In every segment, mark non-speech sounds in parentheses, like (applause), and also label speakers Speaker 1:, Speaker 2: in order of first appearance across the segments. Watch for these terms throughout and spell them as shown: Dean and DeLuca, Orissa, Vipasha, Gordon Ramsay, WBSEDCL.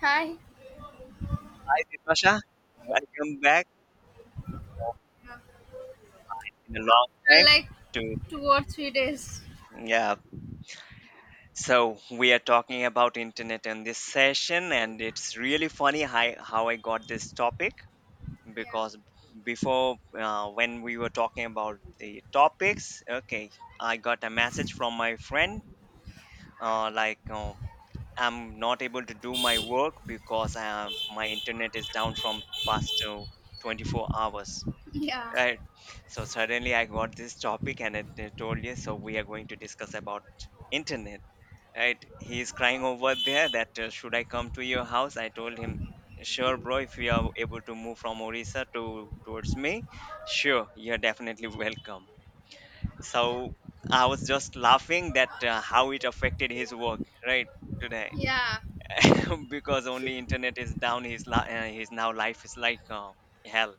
Speaker 1: Hi.
Speaker 2: Hi, Vipasha. Welcome back uh,
Speaker 1: Yeah.
Speaker 2: in a long
Speaker 1: I
Speaker 2: time
Speaker 1: like
Speaker 2: to
Speaker 1: 2 or 3 days.
Speaker 2: yeah. So we are talking about internet in this session, and it's really funny how I got this topic
Speaker 1: Yeah.
Speaker 2: because before when we were talking about the topics, okay, I got a message from my friend uh, like. Um, I'm not able to do my work because my internet is down from past 24 hours.
Speaker 1: Yeah.
Speaker 2: Right. So suddenly I got this topic and told you. So we are going to discuss about internet. Right. He is crying over there that should I come to your house? I told him, sure, bro. If you are able to move from Orissa to towards me, sure, you're definitely welcome. So I was just laughing that how it affected his work. Right today.
Speaker 1: Yeah,
Speaker 2: (laughs) Because only internet is down. His now life is like hell,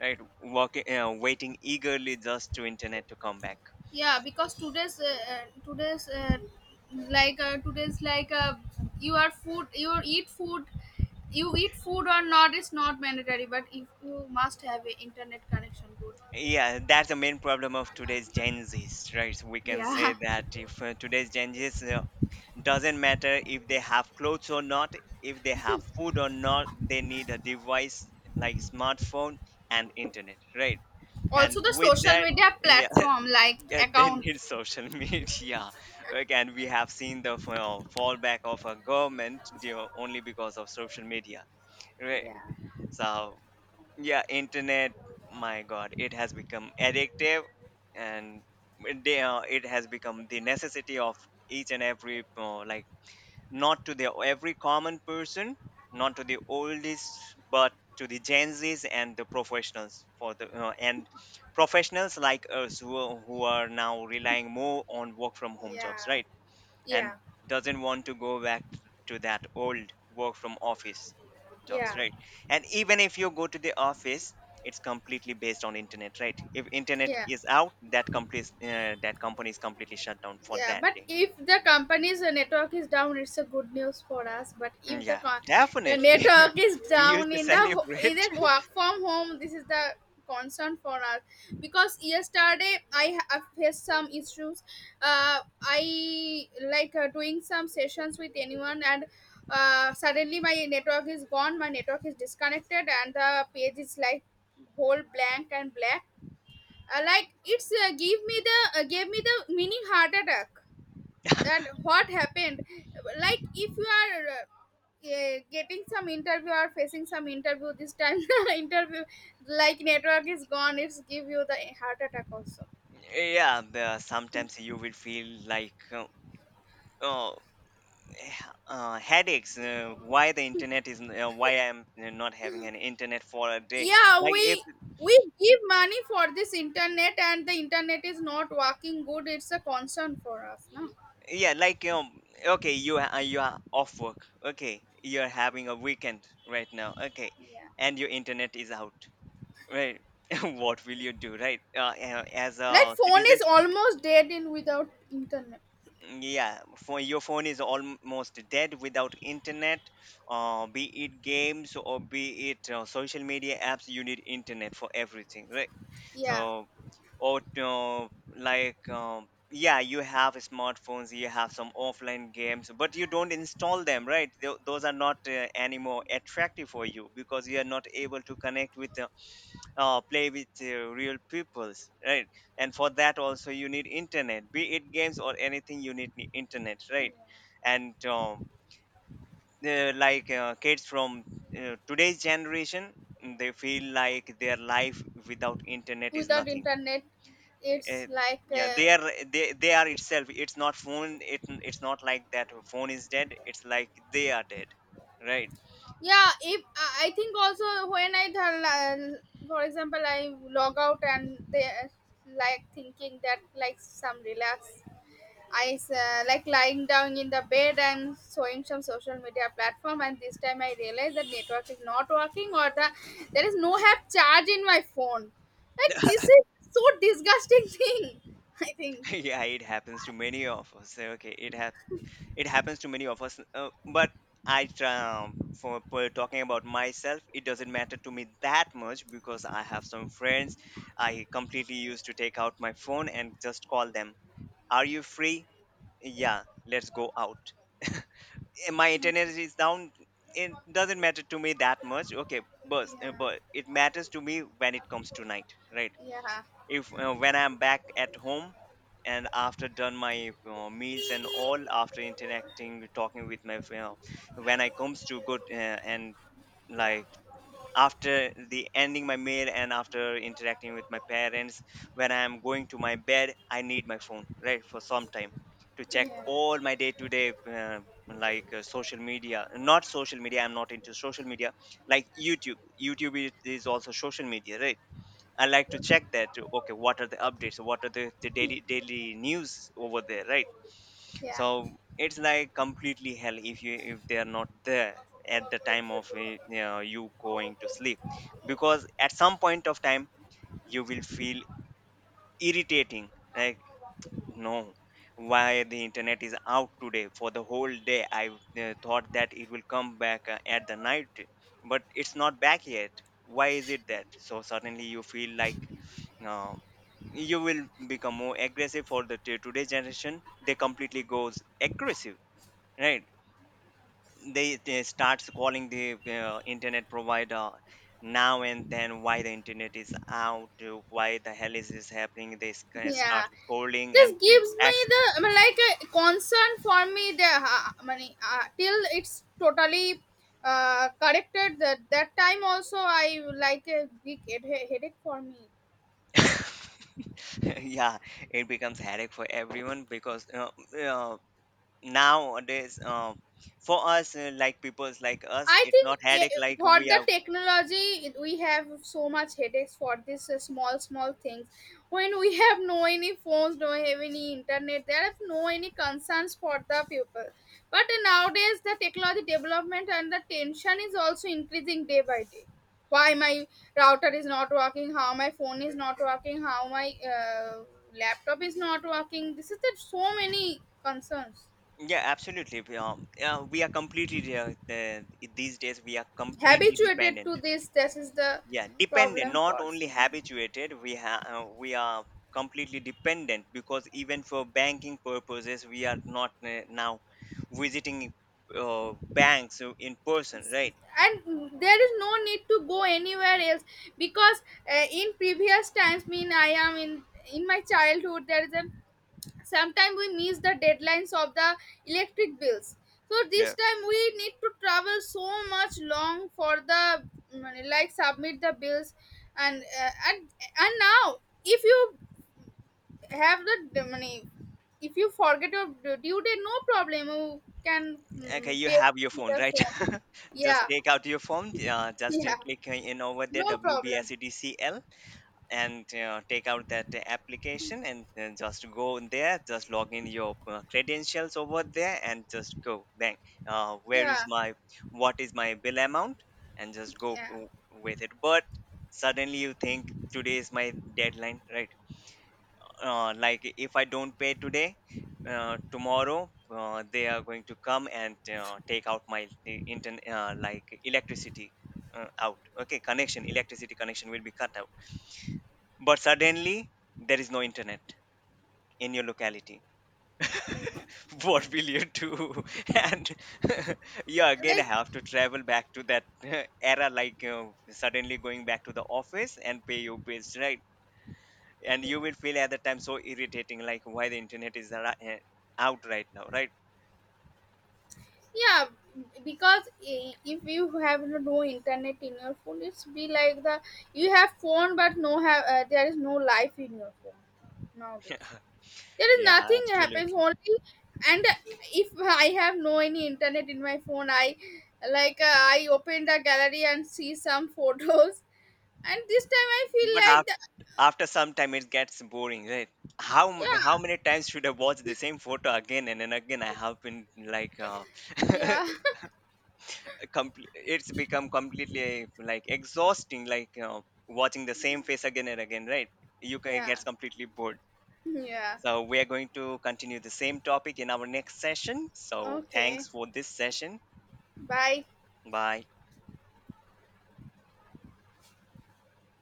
Speaker 2: right, walking waiting eagerly just to internet to come back.
Speaker 1: yeah. Because today's today's like today's like you are food. You eat food. You eat food or not is not mandatory, but if you must have a internet connection, good.
Speaker 2: Yeah, that's the main problem of today's gen z's, right? We can say
Speaker 1: Yeah.
Speaker 2: that if today's gen z's doesn't matter if they have clothes or not, if they have food or not, they need a device like smartphone and internet, right? And
Speaker 1: Also, the
Speaker 2: with
Speaker 1: social
Speaker 2: that,
Speaker 1: media
Speaker 2: yeah, (laughs)
Speaker 1: platform like
Speaker 2: yeah, they
Speaker 1: account.
Speaker 2: need social (laughs) media. Again we have seen the fall fallback of a government you only because of social media, right?
Speaker 1: Yeah.
Speaker 2: So yeah, internet, my god, it has become addictive. And it has become the necessity of each and every like, not to the every common person, not to the oldest, but to the gen z's and the professionals, for the and professionals like us, who, who are now relying more on work from home jobs,
Speaker 1: Yeah,
Speaker 2: right? And
Speaker 1: yeah,
Speaker 2: doesn't want to go back to that old work from office jobs,
Speaker 1: yeah,
Speaker 2: right? And even if you go to the office, it's completely based on internet, right? If internet
Speaker 1: yeah.
Speaker 2: is out, that company is completely shut down for
Speaker 1: Yeah,
Speaker 2: that
Speaker 1: but
Speaker 2: day.
Speaker 1: if the company's network is down, it's a good news for us. But if the,
Speaker 2: Yeah,
Speaker 1: con- The
Speaker 2: definitely.
Speaker 1: network is
Speaker 2: (laughs) We used
Speaker 1: down
Speaker 2: to
Speaker 1: in the in
Speaker 2: celebrate.
Speaker 1: the work from home, this is the concern for us because yesterday I have faced some issues. I like doing some sessions with anyone. And. Suddenly my network is gone, my network is disconnected, and the page is like whole blank and black, like it's give me the gave me the mini heart attack. That, what happened, like if you are getting some interview or facing some interview this time, (laughs) interview, like network is gone, it's give you the heart attack also.
Speaker 2: (laughs) Yeah, the, sometimes you will feel like oh, (sighs) eh, headaches, why the internet is n- why I'm not having an internet for a day,
Speaker 1: Yeah,
Speaker 2: like if.
Speaker 1: we give money for this internet, and the internet is not working good. It's a concern for us, no?
Speaker 2: Yeah, like um, okay, you are, you are off work, okay, you're having a weekend right now, okay,
Speaker 1: Yeah,
Speaker 2: and your internet is out, right? (laughs) What will you do, right? As
Speaker 1: like
Speaker 2: a
Speaker 1: phone
Speaker 2: citizen.
Speaker 1: is almost dead in without internet.
Speaker 2: Yeah, for your phone is almost dead without internet. Be it games or be it social media apps, you need internet for everything, right?
Speaker 1: Yeah,
Speaker 2: So or yeah, you have smartphones, you have some offline games, but you don't install them, right? Those are not anymore attractive for you because you are not able to connect with play with real peoples, right? And for that also you need internet, be it games or anything, you need internet, right? And like kids from today's generation, they feel like their life without internet is
Speaker 1: without
Speaker 2: nothing.
Speaker 1: internet it's
Speaker 2: uh,
Speaker 1: like,
Speaker 2: yeah, they are itself, it's not phone, it's not like that phone is dead, it's like they are dead, right?
Speaker 1: yeah. If I think also when for example I log out and they, like, thinking that like some relax, I like lying down in the bed and showing some social media platform, and this time I realized that network is not working, or the, there is no have charge in my phone. Like,
Speaker 2: (laughs)
Speaker 1: this is so disgusting (laughs) thing, I think.
Speaker 2: Yeah, it happens to many of us, okay, it happens, it happens to many of us, but I try, um, for talking about myself, it doesn't matter to me that much because I have some friends. I completely used to take out my phone and just call them, are you free, yeah, let's go out. (laughs) Eh, my
Speaker 1: Mm.
Speaker 2: internet is down, it doesn't matter to me that much, okay,
Speaker 1: Yeah,
Speaker 2: but it matters to me when it comes to night, right?
Speaker 1: yeah,
Speaker 2: if When I'm back at home and after done my meals and all, after interacting talking with my, when I comes to good and like, after the ending my meal and after interacting with my parents, when I'm going to my bed, I need my phone, right, for some time, to check
Speaker 1: yeah,
Speaker 2: all my day to day, like social media, not social media, I'm not into social media, like YouTube. YouTube is also social media, right? I like to check that. Okay, what are the updates? What are the, the daily news over there, right?
Speaker 1: yeah,
Speaker 2: So it's like completely hell if you, if they are not there at the time of you going to sleep, because at some point of time you will feel irritating. Like, no, why the internet is out today for the whole day. I thought that it will come back at the night, but it's not back yet. Why is it that? So suddenly you feel like uh, you will become more aggressive. For the today generation, they completely goes aggressive, right? They starts calling the internet provider now and then, why the internet is out, why the hell is this happening? They
Speaker 1: yeah.
Speaker 2: start scolding
Speaker 1: This
Speaker 2: and they
Speaker 1: gives me
Speaker 2: act.
Speaker 1: the, I mean, like a concern for me, the money, till it's totally corrected. That that time also I like a big headache for me.
Speaker 2: (laughs) (laughs) Yeah, it becomes headache for everyone because uh, nowadays for us like people's like us
Speaker 1: I
Speaker 2: it's
Speaker 1: think,
Speaker 2: not headache like
Speaker 1: for
Speaker 2: we
Speaker 1: the
Speaker 2: are.
Speaker 1: technology, we have so much headaches for this small, small things. When we have no any phones, don't have any internet, there is no any concerns for the people. But nowadays, the technology development and the tension is also increasing day by day. Why my router is not working? How my phone is not working? How my laptop is not working? This is the so many concerns.
Speaker 2: Yeah, absolutely, we are, yeah, we are completely these days we are completely
Speaker 1: Habituated
Speaker 2: dependent.
Speaker 1: to this, this is the
Speaker 2: Yeah, dependent,
Speaker 1: problem
Speaker 2: not
Speaker 1: for,
Speaker 2: only habituated, we have we are completely dependent because even for banking purposes we are not now visiting banks in person, right?
Speaker 1: and there is no need to go anywhere else, because in previous times, mean I am in my childhood, there is a, sometimes we miss the deadlines of the electric bills, so this time we need to travel so much long for the, like submit the bills, and and now, if you have the money. If you forget your due date, no problem. You can
Speaker 2: Okay, you
Speaker 1: pay
Speaker 2: have your
Speaker 1: with
Speaker 2: phone,
Speaker 1: the
Speaker 2: right?
Speaker 1: phone.
Speaker 2: (laughs) Just
Speaker 1: Yeah,
Speaker 2: take out your phone, uh,
Speaker 1: (laughs)
Speaker 2: just uh,
Speaker 1: yeah,
Speaker 2: click in over there,
Speaker 1: no problem.
Speaker 2: WBSEDCL, and take out that application and just go in there, just log in your credentials over there, and just go bang. Where is
Speaker 1: Yeah,
Speaker 2: my, what is my bill amount? And just go
Speaker 1: yeah.
Speaker 2: w- with it. But suddenly you think today is my deadline, right? Like if I don't pay today, tomorrow they are going to come and take out my internet, like electricity out. Okay, connection, electricity connection will be cut out. But suddenly there is no internet in your locality. (laughs) What will you do? (laughs) And (laughs) you again
Speaker 1: Like,
Speaker 2: have to travel back to that (laughs) era, like suddenly going back to the office and pay your bills, right? And you will feel at the time so irritating like why the internet is ar- eh, out right now, right?
Speaker 1: yeah, because if you have no internet in your phone, it's be like the, you have phone but no have there is no life in your phone nowadays. There is
Speaker 2: Yeah,
Speaker 1: nothing
Speaker 2: absolutely.
Speaker 1: happens only. And if I have no any internet in my phone, I, like, I open the gallery and see some (laughs) photos, and this time I feel
Speaker 2: but
Speaker 1: like
Speaker 2: af-
Speaker 1: the,
Speaker 2: after some time it gets boring, right? How many times should I watch the same photo again and then again? I have been like
Speaker 1: yeah,
Speaker 2: (laughs) it's become completely like exhausting, like watching the same face again and again, right? You can
Speaker 1: yeah,
Speaker 2: gets completely bored.
Speaker 1: (laughs) yeah, yeah.
Speaker 2: So we are going to continue the same topic in our next session, so thanks
Speaker 1: Okay,
Speaker 2: for this session.
Speaker 1: bye.
Speaker 2: Bye.